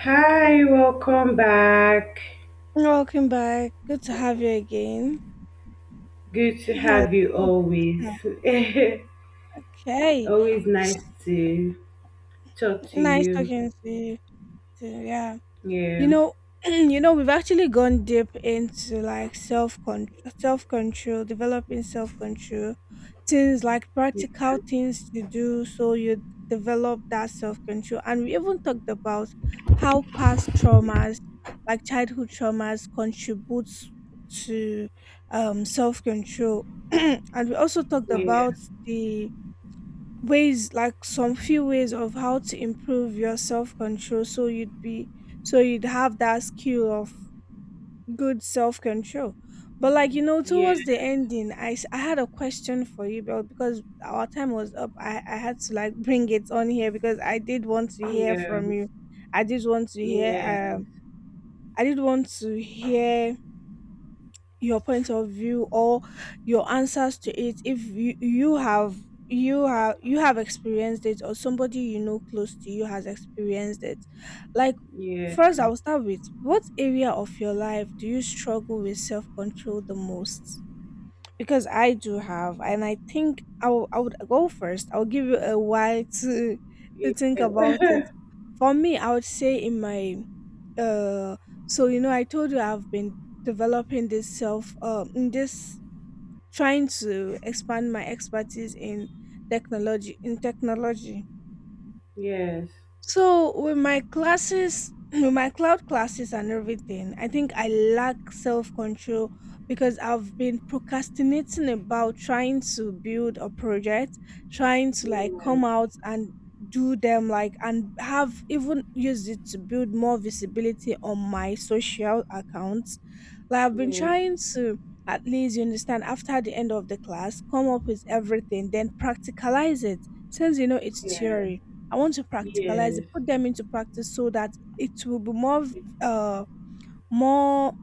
Hi, welcome back. Welcome back. Good to have you again. Good to Hello. have you always. Okay. Always nice S- to talk to Nice you. talking to you too. Yeah. you Yeah. know you know, we've actually gone deep into like self control, developing self control, things like practical things to do so you develop that self control. And we even talked about how past traumas, like childhood traumas, contributes to self control. And we also talked Yeah. about the ways, like some few ways of how to improve your self control, so you'd have that skill of good self control. But like Yeah. towards the ending, I had a question for you, but because our time was up, I had to like bring it on here, because I did want to hear Yeah. from you. I did want to Yes. hear Yeah. Yeah. I did want to hear your point of view, or your answers to it, if you have experienced it, or somebody you know close to you has experienced it. Like, first I will start with: what area of your life do you struggle with self-control the most? Because I do have, and I think I would go first. I'll give you a while to think about it. For me, I would say in my uh so you know I told you I've been developing this self in this, trying to expand my expertise in technology. Yes. Yes. With my cloud classes and everything, I think I lack self control because I've been procrastinating about trying to build a project, trying to like come out and do them, like, and have even used it to build more visibility on my social accounts. Like, I've been Yeah. trying to, at least you understand, after the end of the class, come up with everything, then practicalize it, since you know it's Yeah. theory. I want to practicalize it, Yes. put them into practice, so that uh more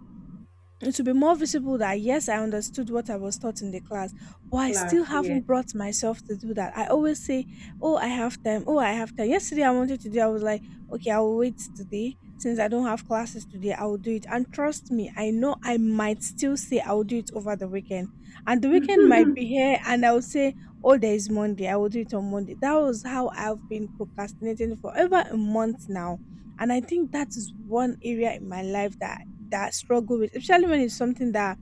it will be more visible, that yes, I understood what I was taught in the class, but I still Class. Yes. haven't brought myself to do that. I always say, "Oh, I have time. Oh, I have time." Yesterday I wanted to do, I was like, "Okay, I will wait today. Since I don't have classes today, I will do it." And trust me, I know I might still say I will do it over the weekend. And the weekend might be here, and I will say, "Oh, there is Monday. I will do it on Monday." That was how I've been procrastinating for over a month now, and I think that is one area in my life that I struggle with, especially when it's something that,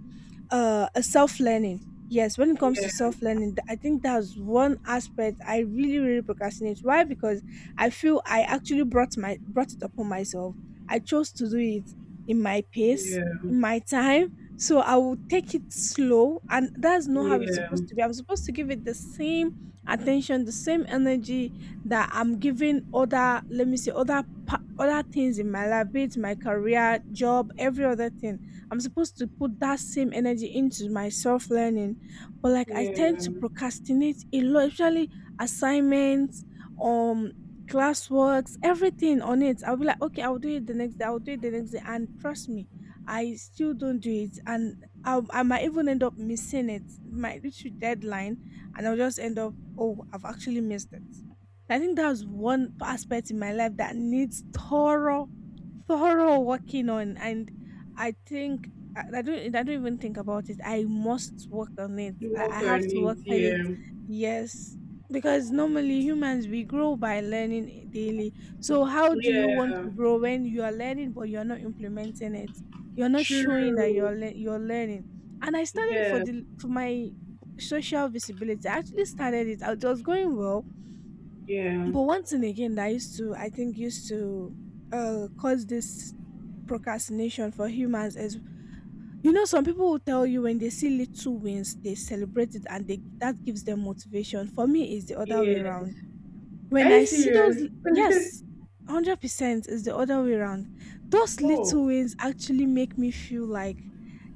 a self-learning. Yes, when it comes to Yeah. self-learning, I think that's one aspect I really really procrastinate. Why? Because I feel I actually brought it upon myself. I chose to do it in my pace, Yeah. in my time, so I will take it slow. And that's not how it's Yeah. supposed to be. I'm supposed to give it the same attention, the same energy that I'm giving other let me say other pa- other things in my life, be it my career, job, every other thing. I'm supposed to put that same energy into my self learning, but like I tend to Yeah. procrastinate a lot, especially assignments, um, classworks, everything on it. I'll be like, "Okay, I'll do it the next day. I'll do it the next day," and trust me, I still don't do it, and I might even end up missing it. It might reach the deadline, and I'll just end up, "Oh, I've actually missed it." So, I think that's one aspect in my life that needs thorough, thorough working on. I think I don't even think about it. I must work on it. You I work have on to it. work on it. Yeah. Yes. Because normally, humans, we grow by learning daily. So how do you want Yeah. to grow when you are learning but you're not implementing it? You're not showing that True. you're learning. And I started Yeah. For my social visibility. I actually started it. It was going well. Yeah. But once and again, that used to, I think, used to cause this procrastination for humans, as you know. Some people will tell you, when they see little wins, they celebrate it and they, that gives them motivation. For me, it's the other way Yes. around. Are When I you see serious? those, yes, 100% is the other way around. Those little Oh, wins actually make me feel like,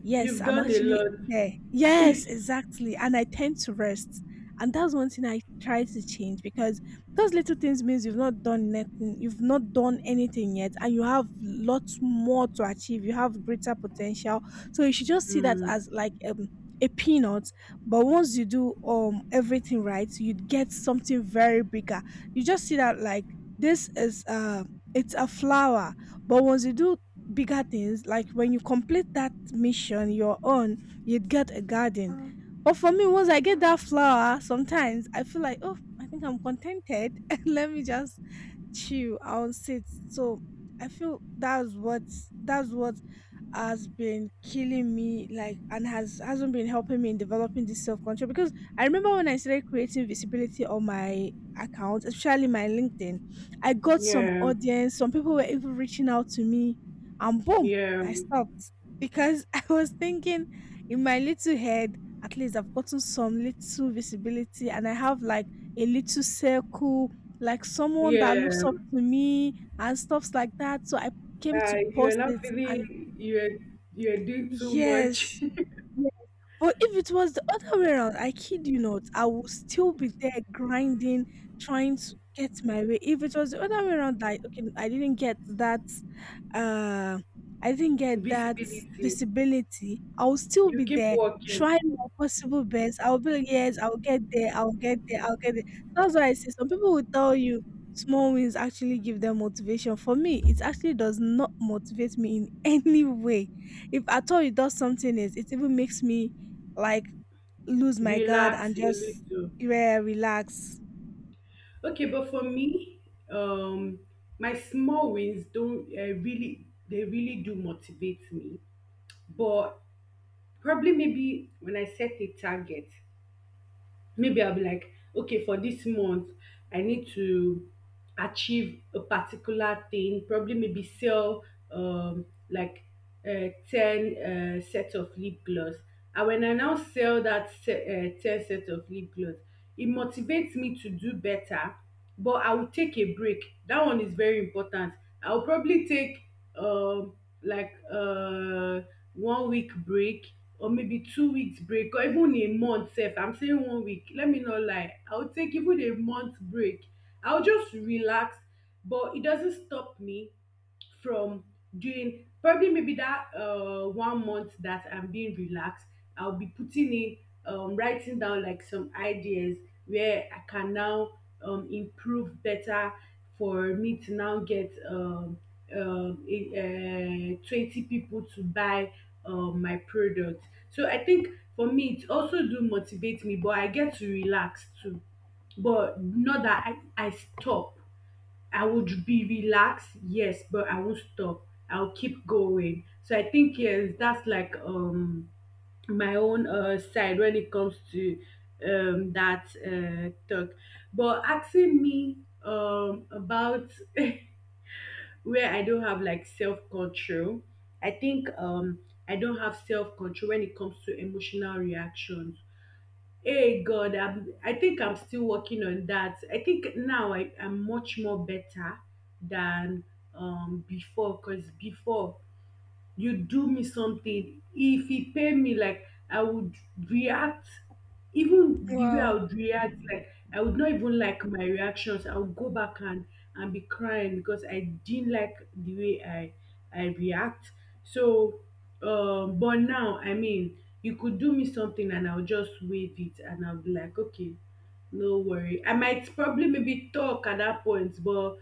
yes, you've I'm done a actually lot. there. Yes, exactly. And I tend to rest. And that's one thing I try to change, because those little things means you've not done nothing, you've not done anything yet, and you have lots more to achieve. You have greater potential. So you should just see that Mm, as like, a peanut, but once you do everything right, you'd get something very big. You just see that, like, this is it's a flower, but once you do bigger things, like when you complete that mission, your own, you'd get a garden. Mm. But for me, once I get that flower, sometimes I feel like, oh, I think I'm contented, and let me just chill. I would say it. So I feel that's what, that's what has been killing me, like, and hasn't been helping me in developing this self-control. Because I remember when I started creating visibility on my account, especially my LinkedIn, I got some yeah. audience. Some people were even reaching out to me, and boom, Yeah. I stopped because I was thinking in my little head, at least I've gotten some little visibility and I have like a little circle, like someone that Yeah. looks up to me and stuffs like that. So I came to You're post not it, and feeling you're doing too yes. much. But if it was the other way around, I kid you not, I would still be there grinding, trying to get my way. If it was the other way around, like, okay, I didn't get that, uh, I didn't get that Visibility. visibility, I would still You be keep there trying working. my possible best. I'll be like, yes, I'll get there, I'll get there, I'll get there. That's why I say some people will tell you small wins actually give them motivation. For me, it actually does not motivate me in any way. If at all it does something, is, it even makes me like lose my guard Relax and a just, little. yeah, relax. Okay, but for me, um, my small wins don't, really, they really do motivate me. But probably maybe when I set a target, maybe I'll be like, okay, for this month, I need to achieve a particular thing, probably maybe sell, like, 10 sets of lip gloss. And when I now sell that 10 set of lip gloss, it motivates me to do better, but I will take a break. That one is very important. I'll probably take, um, like, one week break, or maybe 2 weeks break, or even a month sef. I'm saying one week, let me not lie, I'll take even a month break. I'll just relax, but it doesn't stop me from doing, probably maybe that, one month that I'm being relaxed, I'll be putting in, writing down like some ideas where I can now, improve better for me to now get, 20 people to buy, my product. So I think for me, it also do motivate me, but I get to relax too. But not that I stop. I would be relaxed, yes, but I won't stop. I'll keep going. So I think yes, that's like my own side when it comes to that talk. But asking me about where I don't have like self control, I think I don't have self control when it comes to emotional reactions. Hey God, I think I'm still working on that. I think now I'm much more better than before, because before, you do me something, if he pay me, like, I would react. Even the way I Wow, would react, like, I would not even like my reactions. I would go back and be crying because I didn't like the way I react. So but now, I mean, you could do me something, and I'll just wave it, and I'll be like, okay, no worry, I might probably maybe talk at that point, but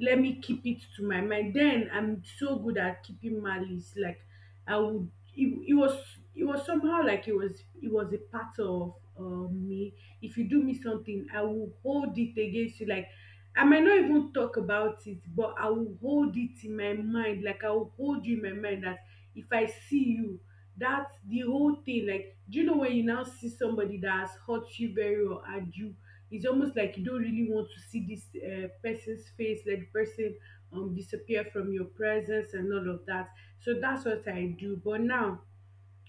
let me keep it to my mind. Then I'm so good at keeping malice. Like, I would it, it was somehow, like it was a part of, me. If you do me something, I will hold it against you. Like, I might not even talk about it, but I will hold it in my mind. Like, I will hold you in my mind, that if I see you, that's the whole thing. Like, do you know when you now see somebody that has hurt you very well, and you, it's almost like you don't really want to see this, person's face, let the person, disappear from your presence and all of that. So that's what I do. But now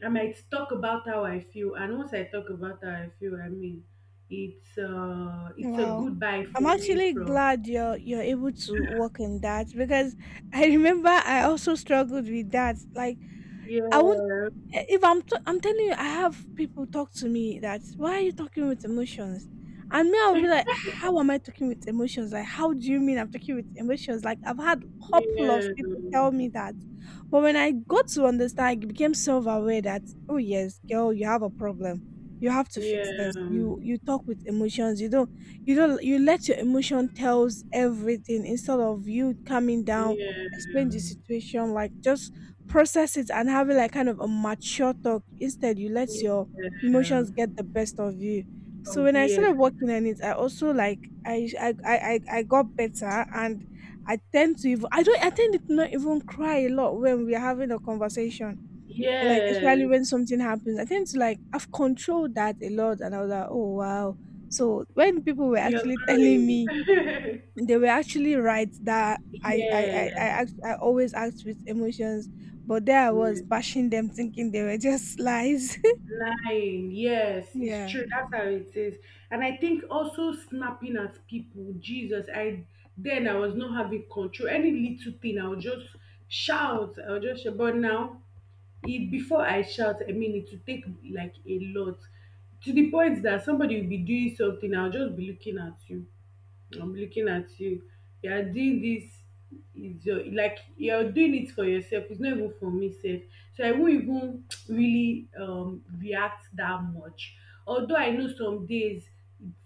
I might talk about how I feel, and once I talk about how I feel, I mean, it's a wow. goodbye I'm for me actually from. glad you're able to work on that, because I remember I also struggled with that. Like, I won't Yeah, eh, if I'm t- I'm telling you, I have people talk to me that, why are you talking with emotions? And me, I'll be like, how am I talking with emotions? Like, how do you mean I'm talking with emotions? Like, I've had a couple of yeah, people tell me that, but when I got to understand, I became self-aware that, oh yes, girl, you have a problem. You have to fix yeah, this. You talk with emotions. You don't you don't you let your emotion tells everything instead of you coming down, yeah, explain the situation. Like, just process it and having like kind of a mature talk. Instead, you let your yeah, emotions get the best of you. So when I yeah, started working on it, I also, like, I got better, and I tend to even I don't I tend to not even cry a lot when we're having a conversation. Like, yes, especially when something happens, I tend to like I've controlled that a lot, and I was like, oh wow. So when people were you're actually telling growing. me, they were actually right that I I Yes. I I, act, I always act with emotions, but there I Yeah, was bashing them, thinking they were just lies. lying, yes, it's Yeah, true, that's how it is. And I think also snapping at people, Jesus. I Then I was not having control. Any little thing, I'll just shout, I'll just shout. But now, it before I shout, I mean, it to take like a lot. To the point that somebody will be doing something, I'll just be looking at you. Mm. I'm looking at you. You are doing this, is your, like, you're doing it for yourself. It's not even for me, self. So I won't even really react that much. Although I know some days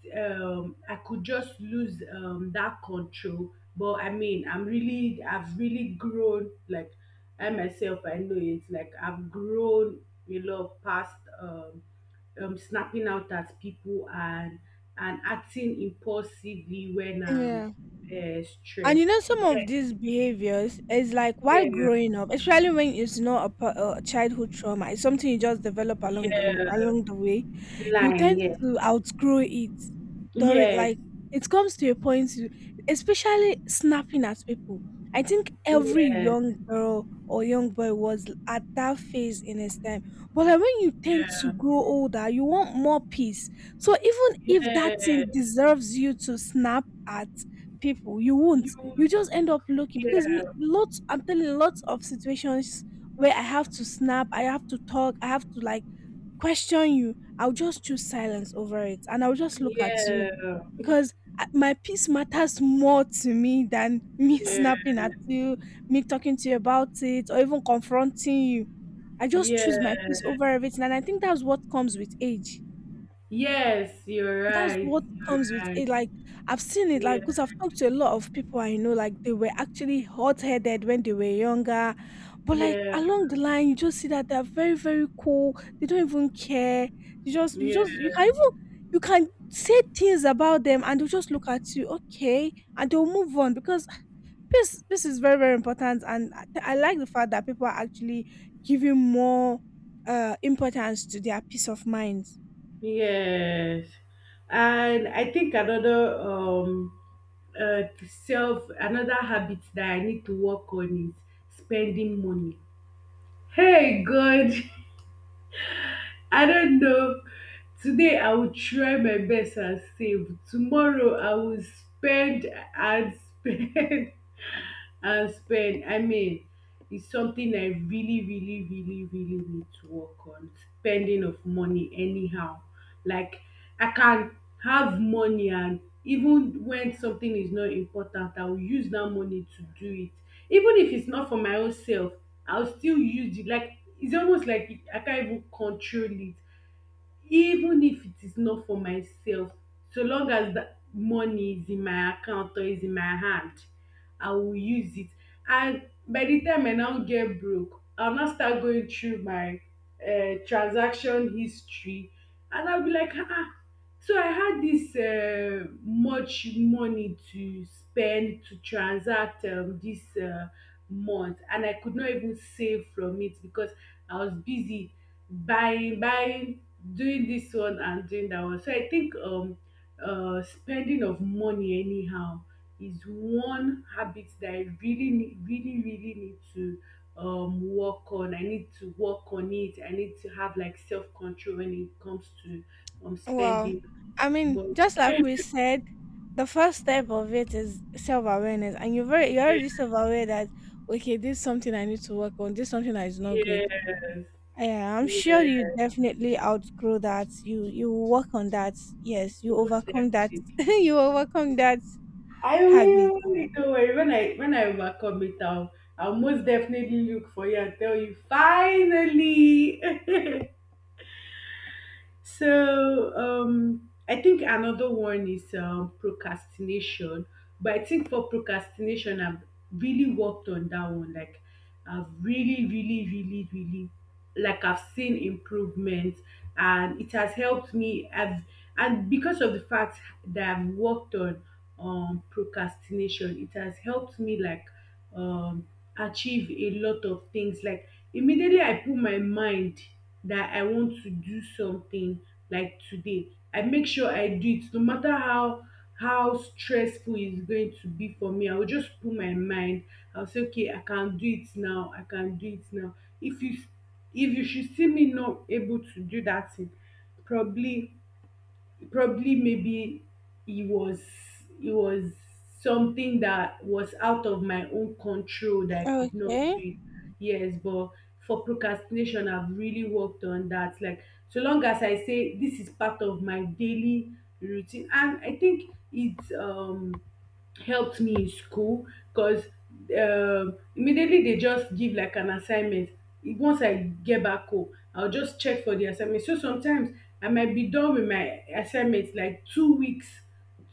I could just lose that control. But I mean I've really grown. Like, I myself I know it, like I've grown a lot past snapping out at people, and acting impulsively when I'm, yeah. And you stressed. know, some of Yeah, these behaviors is, like, while yeah, growing up, especially when it's not a childhood trauma, it's something you just develop along the lo- yeah, along the way. You line, tend yes, to outgrow it during, yes, like, it comes to a point, you, especially snapping at people. I think every yes, young girl or young boy was at that phase in his time. But like, when you tend to yeah, grow older, you want more peace. So even if that thing yes, deserves you to snap at people, you won't. you, You just end up looking, because me, yeah, lots, I'm telling you, lots of situations where I have to snap, I have to talk, I have to like question you. I'll just choose silence over it, and I'll just look at you yeah, because my peace matters more to me than me snapping at you, me talking to you about it, or even confronting you. I just choose my yeah, peace over everything, and I think that's what comes with age. yeah, yes, That's what you're comes with right, it, like, I've seen it, like yeah, because 'cause I've talked to a lot of people I know, like, they were actually hot-headed when they were younger, but, like, yeah, along the line, you just see that they are very, very cool, they don't even care, you just you yeah, just you can even you can say things about them and they'll just look at you, "Okay," and they'll move on because this is very, very important and I like the fact that people are actually giving more, importance to their peace of mind. yes. And I think uh, another habit that I need to work on is spending money. Hey God. I don't know. Today I will try my best and save. Tomorrow I will spend, and spend, and spend. I mean, it's something I really, really, really, really need to work on. Spending of money anyhow. Like, I can have money, and even when something is not important, I will use that money to do it, even if it's not for my own self. I'll still use it. Like, it's almost like I can't even control it. Even if it is not for myself, so long as that money is in my account or is in my hand, I will use it. And by the time I now get broke, I'll now start going through my, transaction history, and I'll be like, ah, so I had this, much money to spend, to transact, this, month, and I could not even save from it, because I was busy buying, buying, doing this one and doing that one. So I think spending of money anyhow is one habit that I really really need to work on. I need to work on it. I need to have like self-control when it comes to Wow. spending I mean, money. just like we said, the first step of it is self awareness, and you're Yeah. already self aware that okay, this is something I need to work on. This is something that is not good. Yes. Yeah, I'm sure you Yes, definitely outgrow that. You work on that. Yes, you most overcome that. definitely You overcome that I habit. will. Don't worry. When I overcome it, I'll most definitely look for you and tell you finally. So I think another one is, procrastination. But I think for procrastination, I've really worked on that one. Like, I've really, really, really, really, like, I've seen improvement, and it has helped me. I've And because of the fact that I've worked on procrastination, it has helped me, like, um achieve a lot of things. Like, immediately I put my mind that I want to do something, like today, I make sure I do it, no matter how stressful it's going to be for me. I will just put my mind, I'll say okay, I can do it now, I can do it now. If you if you should see me not able to do that thing, probably probably maybe it was it was something that was out of my own control that I could not Okay. do it. Yes, but for procrastination, I've really worked on that. Like, so long as I say this is part of my daily routine, and I think it's helped me in school, because immediately, they just give like an assignment. Once I get back home, I'll just check for the assignment. So sometimes I might be done with my assignment like 2 weeks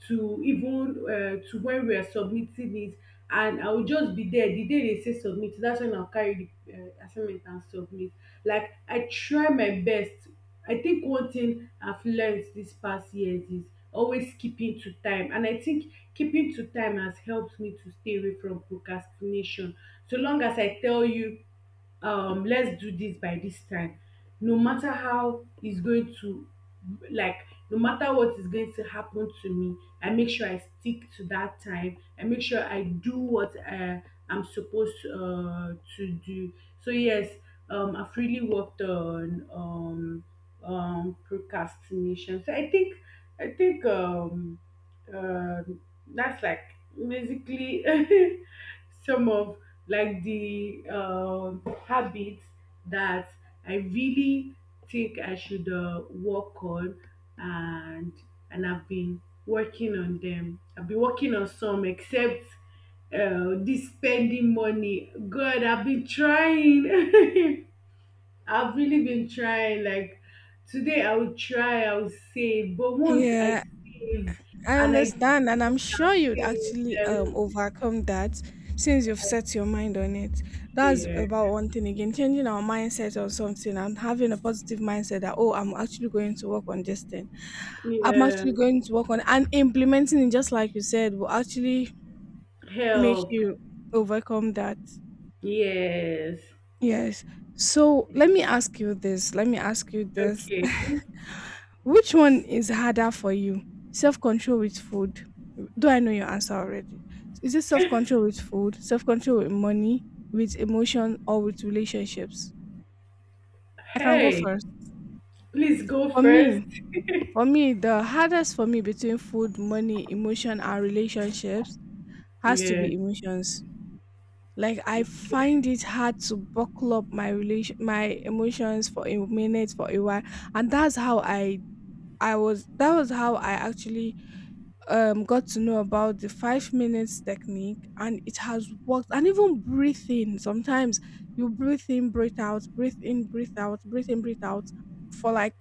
to even, to when we are submitting it, and I will just be there the day they say submit. That's when I'll carry the, assignment and submit. Like, I try my best. I think one thing I've learned this past years is always keeping to time, and I think keeping to time has helped me to stay away from procrastination, so long as I tell you, let's do this by this time, no matter how it's going to like no matter what is going to happen to me. I make sure I stick to that time. I make sure I do what, I'm supposed, to do. So yes, I've really worked on procrastination. So I think, um that's like basically, some of, like the habits that I really think I should, work on, and and I've been working on them. I've been working on some, except, this spending money. God, I've been trying. I've really been trying. Like, today, I will try. I will save, but once I Yeah, save I and I understand, and give up, I'm I'll sure you'd save. actually I will- overcome that since you've set your mind on it. That's Yeah, about one thing again, changing our mindset on something and having a positive mindset that oh, I'm actually going to work on this thing. I'm yeah. actually going to work on and implementing it just like you said will actually make Help. you overcome that. Yes. Yes. So let me ask you this. Let me ask you this. Okay. Which one is harder for you? Self control with food? Do I know your answer already? Is it self control with food, self control with money, with emotion, or with relationships? I can go Hey, first. please go For me, first. for me, the hardest for me between food, money, emotion, and relationships has to Yeah. be emotions. Like I find it hard to buckle up my emotions for a minute, for a while. And that's how I was that was how I actually got to know about the 5 minutes technique, and it has worked. And even breathing sometimes, you breathe in, breathe out, breathe in, breathe out, breathe in, breathe out for like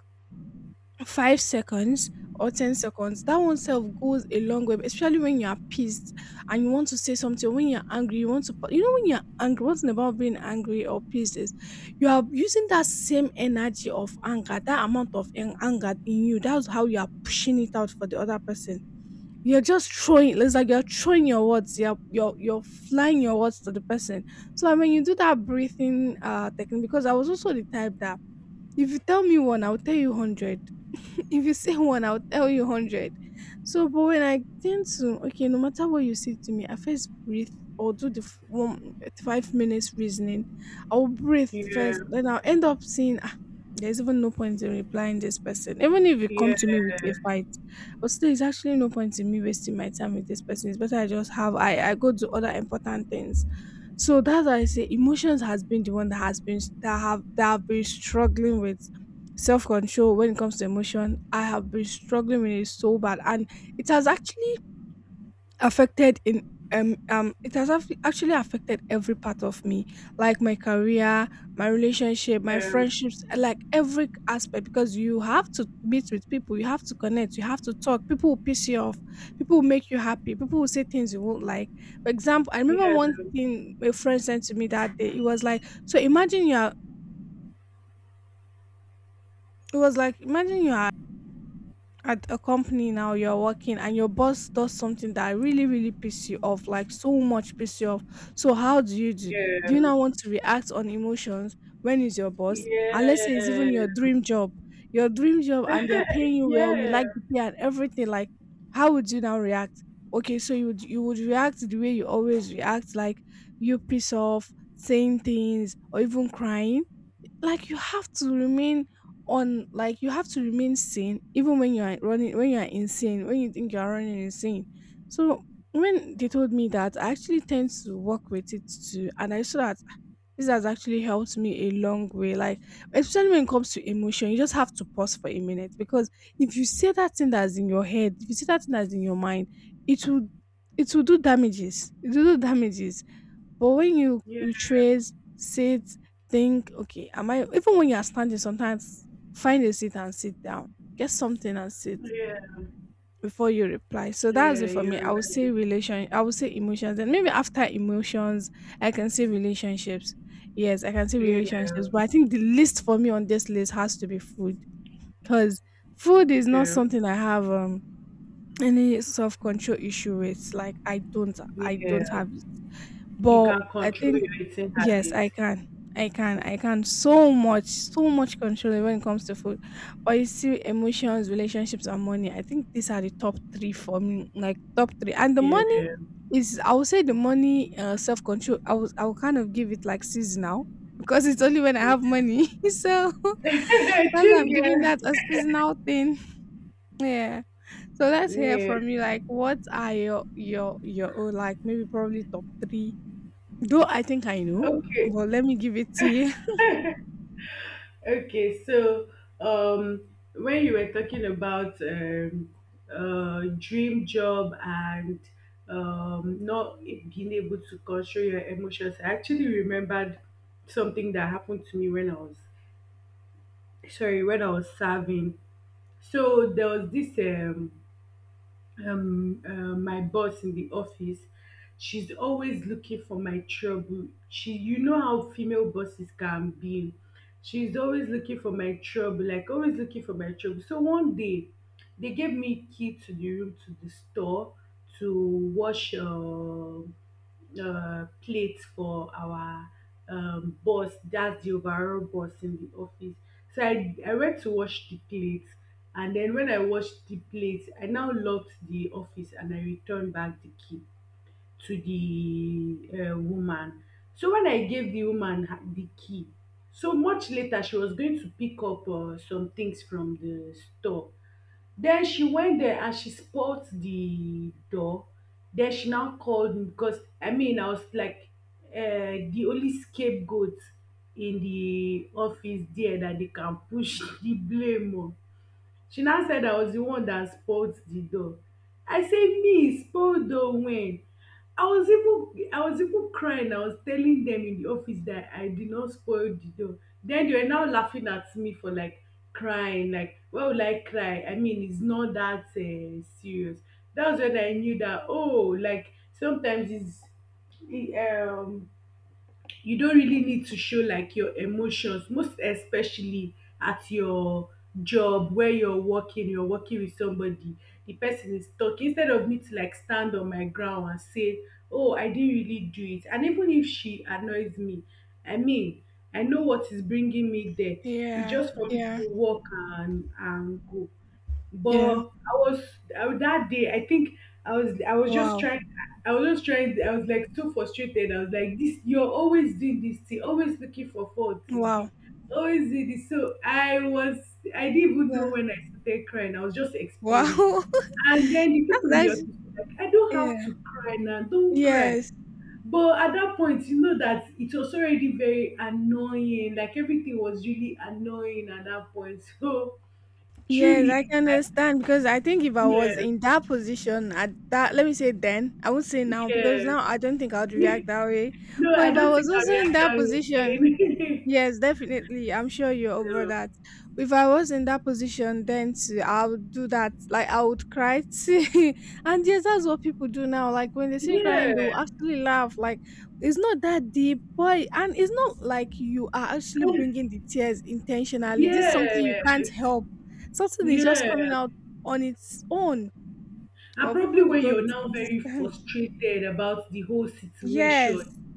5 seconds or 10 seconds, that one self goes a long way, especially when you are pissed and you want to say something. Or when you're angry, you want to, when you're angry, one thing about being angry or pissed is you are using that same energy of anger, that amount of anger in you. That's how you are pushing it out for the other person. You're just throwing, it's like you're throwing your words, you're flying your words to the person. So, I mean, you do that breathing technique because I was also the type that if you tell me one, I'll tell you 100. If you say one, I'll tell you 100. So, but when I tend to, okay, no matter what you say to me, I first breathe or do the one 5 minutes reasoning. I'll breathe Yeah. first, then I'll end up saying, ah, there's even no point in replying this person. Even if you come to Yeah. me with a fight, but still, it's actually no point in me wasting my time with this person. It's better I just have I go do other important things. So that's why I say emotions has been the one that has been that have been struggling with. Self control when it comes to emotion, I have been struggling with it so bad, and it has actually affected in it has aff- actually affected every part of me, like my career, my relationship, my friendships, like every aspect, because you have to meet with people, you have to connect, you have to talk. People will piss you off, people will make you happy, people will say things you won't like. For example, I Yeah. remember one Yeah. thing a friend sent to me that day. It was like, imagine you are at a company now, you're working, and your boss does something that really, really piss you off, like so much piss you off. So how do you do Yeah. do you now want to react on emotions, when is your boss, and let's say it's even your dream job, your dream job, and they're paying you well, Yeah. you Yeah. like the pay and everything, like how would you now react? Okay, so you would react the way you always react, like you piss off saying things or even crying. Like you have to remain on like you have to remain sane, even when you are running, when you are insane, when you think you are running insane. So when they told me that, I actually tend to work with it too, and I saw that this has actually helped me a long way. Like, especially when it comes to emotion, you just have to pause for a minute because if you say that thing that's in your head, if you say that thing that's in your mind, it will do damages. It will do damages. But when you retrace, sit, think, okay, am I even when you are standing, sometimes find a seat and sit down. Get something and sit Yeah. before you reply. So Yeah. that's it for me. I You're would say right. Emotions, and maybe after emotions I can say relationships. Yes, I can say Yeah. relationships. But I think the list for me on this list has to be food. Because food is not Okay. something I have any self control issue with. Like I don't Yeah. have it. You But can I control think your eating Yes, habits. I can. I can. I can. So much, so much control when it comes to food. But you see, emotions, relationships, and money, I think these are the top three for me. Like top three. And the Yeah. money is, I would say the money, self control. I was. I will kind of give it like seasonal because it's only when I have money. So that's why I'm Two giving girls. that a seasonal thing. Yeah. So let's hear Yeah. from you. Like, what are your own, like maybe probably top three? Though I think I know, Okay. but let me give it to you. Okay, so, um, when you were talking about, dream job and, not being able to control your emotions, I actually remembered something that happened to me when I was, sorry, when I was serving. So there was this my boss in the office. She's always looking for my trouble. She, you know how female bosses can be. She's always looking for my trouble, like always looking for my trouble. So one day they gave me key to the room, to the store, to wash plate for our boss. That's the overall boss in the office. So I went to wash the plates. And then when I washed the plates, I now locked the office and I returned back the key to the woman. So when I gave the woman the key, so much later she was going to pick up some things from the store. Then she went there and she spoilt the door. Then she now called me because, I mean, I was like the only scapegoat in the office there that they can push the blame on. She now said I was the one that spoilt the dog. I said, me spoil dog when? I was even crying. I was telling them in the office that I did not spoil the dog. Then they were now laughing at me for like crying. Like, why would I cry? I mean, it's not that serious. That was when I knew that, oh, like sometimes it, um you don't really need to show like your emotions, most especially at your job. Where you're working with somebody, the person is talking, instead of me to like stand on my ground and say, oh, I didn't really do it. And even if she annoys me, I mean, I know what is bringing me there. It's Yeah, just for me yeah, to walk and go. But yeah. I was, that day I think I was just Wow, trying. I was just trying. I was like so frustrated. I was like, "This, you're always doing this thing, always looking for fault, wow, TV, always doing this." So I was, I didn't even yeah, know when I started crying. I was just explaining, wow. and then the people in the That's office actually- were like, "I don't have yeah, to cry now. Don't cry." yes, But at that point, you know that it was already very annoying. Like everything was really annoying at that point. So yes. I truly, can like, understand because I think if I was yeah, in that position at that, let me say then, I won't say now yeah. because now I don't think I'd react that No, way. But I if I don't was think I'll also in react that that position, way again. yes, definitely. I'm sure you're over Yeah. that. If I was in that position, then too, I would do that. Like I would cry too. And yes, that's what people do now. Like when they see crying, Yeah. they'll actually laugh. Like it's not that deep, boy. And it's not like you are actually bringing the tears intentionally. This is something you can't Yes. help. Something is just coming Yeah. out on its own. And Well, probably people when don't you're now very understand. frustrated about the whole Yes, situation.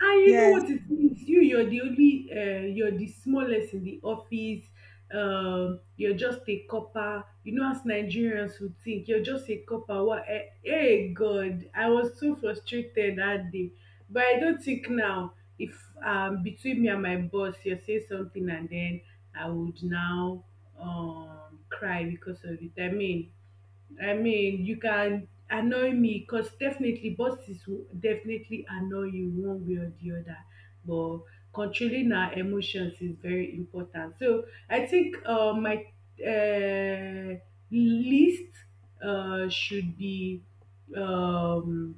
And you know yes, what it means? You're the only, you're the smallest in the office. You're just a copper. You know, as Nigerians would think, you're just a copper. What? Hey, God, I was so frustrated that day. But I don't think now, if between me and my boss, you say something and then I would now cry because of it. I mean, you can annoy me, because definitely bosses will definitely annoy you one way or the other. But controlling our emotions is very important. So I think, my uh, list should be um,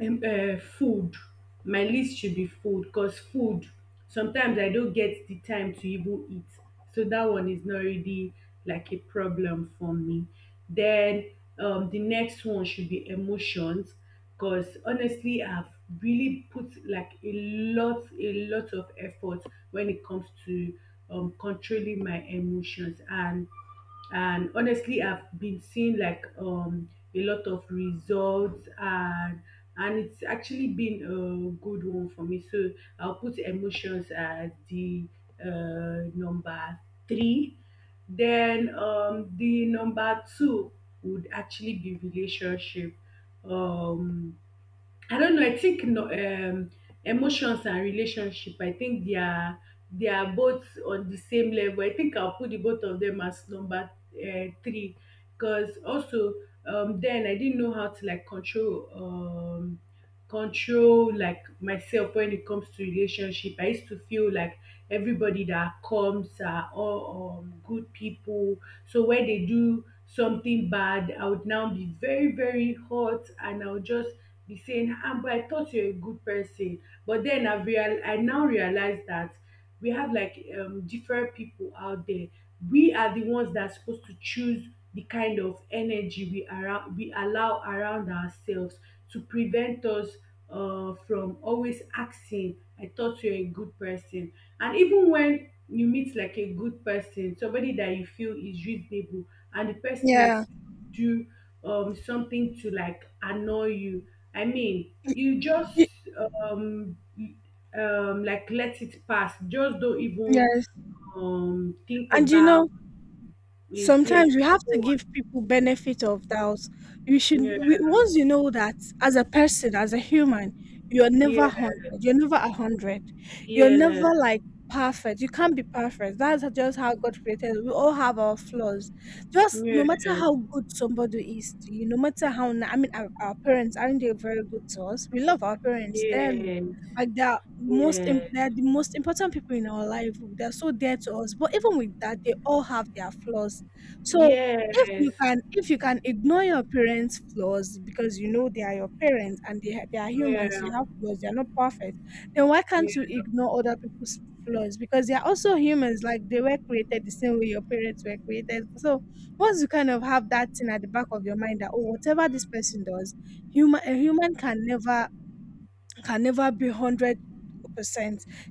food. My list should be food, because food, sometimes I don't get the time to even eat. So that one is not really like a problem for me. Then, the next one should be emotions, because honestly, I've really put like a a lot of effort when it comes to controlling my emotions. And honestly, I've been seeing like a lot of results. And it's actually been a good one for me. So I'll put emotions as the number three. Then, the number two would actually be relationship. Um, I don't know. I think no, emotions and relationship, I think they are both on the same level. I think I'll put the both of them as number three, because also, then I didn't know how to like control, control like myself when it comes to relationship. I used to feel like everybody that comes are all good people. So when they do something bad, I would now be very, very hot, and I'll just be saying, ah, but I thought you're a good person. But then I now realize that we have like different people out there. We are the ones that are supposed to choose the kind of energy we allow around ourselves, to prevent us from always asking, I thought you're a good person. And even when you meet like a good person, somebody that you feel is reasonable, and the person yeah, do something to like annoy you, I mean, you just Y- um like let it pass. Just don't even yes. Think And you about know, it. Yes, sometimes we have go to give on. people benefit of doubt. you Yeah. should we, once you know that as a person, as a human, you're never Yes. 100, you're never 100, you're Yes. never like perfect, you can't be perfect, that's just how God created us. We all have our flaws. Just no Yes. matter how good somebody is to you, no matter how I mean, our parents, aren't they very good to us? We love our parents dearly, like they're Yes. they're the most important people in our life, they're so dear to us, but even with that, they all have their flaws. So if you Yes. can if you can ignore your parents' flaws because you know they are your parents, and they are Yes. humans, they Yeah. have flaws, they are not perfect, then why can't you ignore other people's flaws? Because they are also humans, like they were created the same way your parents were created. So once you kind of have that thing at the back of your mind that oh, whatever this person does, human a human can never be 100%,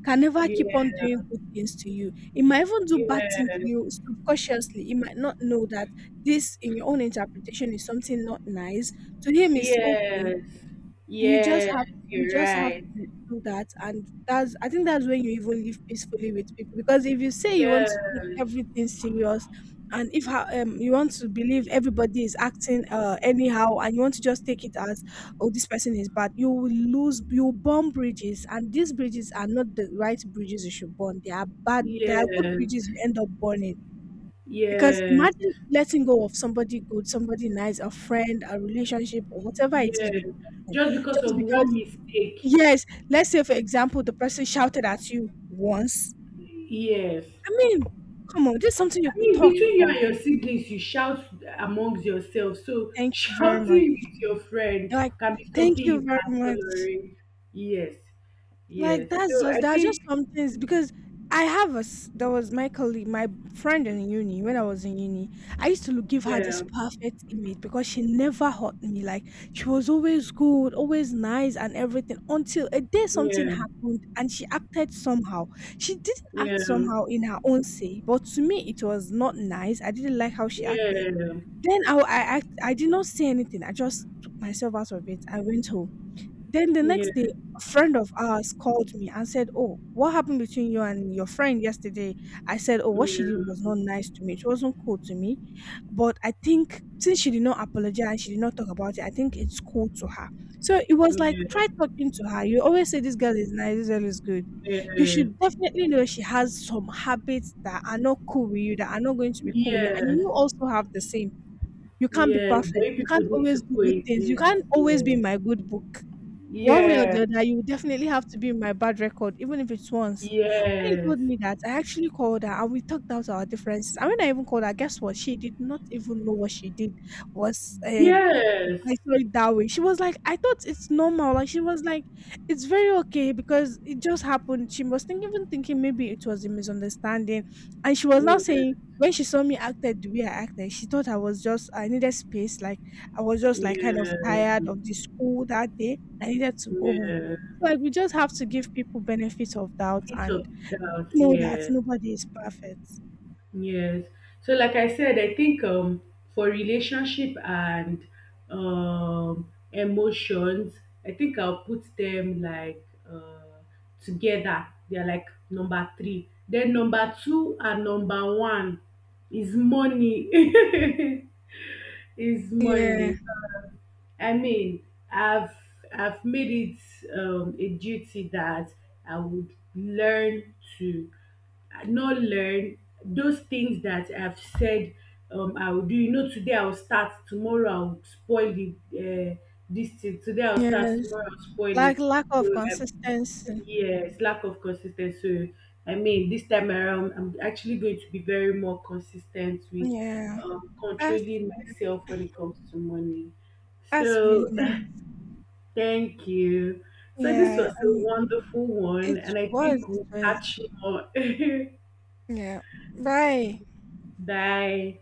can never keep Yeah. on doing good things to you. It might even do bad things to you subconsciously. It might not know that this, in your own interpretation, is something not nice. To him, it's okay. Yes. You just Yes. have Yes, you're right. to do that, and that's I think that's when you even live peacefully with people. Because if you say you want to take Yes. everything serious, and if you want to believe everybody is acting anyhow, and you want to just take it as oh this person is bad, you will burn bridges, and these bridges are not the right bridges you should burn. They are bad. They are good Yes. bridges you end up burning. Because Yes. imagine letting go of somebody good, somebody nice, a friend, a relationship, or whatever it Yeah, is with the person, just because just of one because mistake. Yes, let's say for example, the person shouted at you once. Yes. I mean, come on, this is something you I could mean, talk between you about. and your siblings, you shout amongst yourselves. So Thank you very much. shouting with your friend You're like, can be thank something you you very can much. tolerate. Yes. Like Yes. that's So just I that's just think, some things, because I have a s- there was my colleague, my friend in uni when I was in uni. I used to look, give her this yeah, perfect image because she never hurt me. Like she was always good, always nice, and everything, until a day something yeah, happened and she acted somehow. She didn't act yeah, somehow in her own say, but to me it was not nice. I didn't like how she acted. yeah, Then I did not say anything. I just took myself out of it. I went home. Then the yeah, next day, yeah, a friend of ours called me and said, "Oh, what happened between you and your friend yesterday?" I said, "Oh, what she did was not nice to me. She wasn't cool to me. But I think since she did not apologize, she did not talk about it, I think it's cool to her." So it was like, yeah, try talking to her. You always say, this girl is nice, this girl is good. You yeah. should definitely know she has some habits that are not cool with you, that are not going to be cool with you. And Yes. you also have the same. You can't be Yes. But perfect. if You people can't need to always do good things. You coexist, can't always be yes, my good book. One way or yes. the Yeah. other, you will definitely have to be in my bad record, even if it's once. When he Yes. told me that, I actually called her, and we talked out our differences. And when I even called her, guess what? She did not even know what she did was Yes. I saw it that way. She was like, I thought it's normal. Like she was like, it's very okay because it just happened. She was think, even thinking, maybe it was a misunderstanding. And she was now Yes. saying, when she saw me acted the way I acted, she thought I was just I needed space. Like I was just like kind of Yes. tired of the school that day, I needed to go home. Yes. So like we just have to give people benefit of doubt, Bit and of doubt, know that yeah. nobody is perfect. Yes. So like I said, I think, for relationship and emotions, I think I'll put them like together. They're like number three. Then number two and number one is money. Is Yeah. money. I mean, I've I've made it a duty that I would learn to not learn those things that I've said I will do. You know, today I'll start, tomorrow I'll spoil the this thing. Today I'll start, Yes. tomorrow I'll spoil it. Like lack of So um, consistency. yes, lack of consistency. So, I mean, this time around, I'm actually going to be very more consistent with Yeah. That's controlling myself when it comes to money. that's really So, nice. thank you. So this Yeah. was a And wonderful one, it and I was, think it we'll catch was. more. Yeah. Bye. Bye.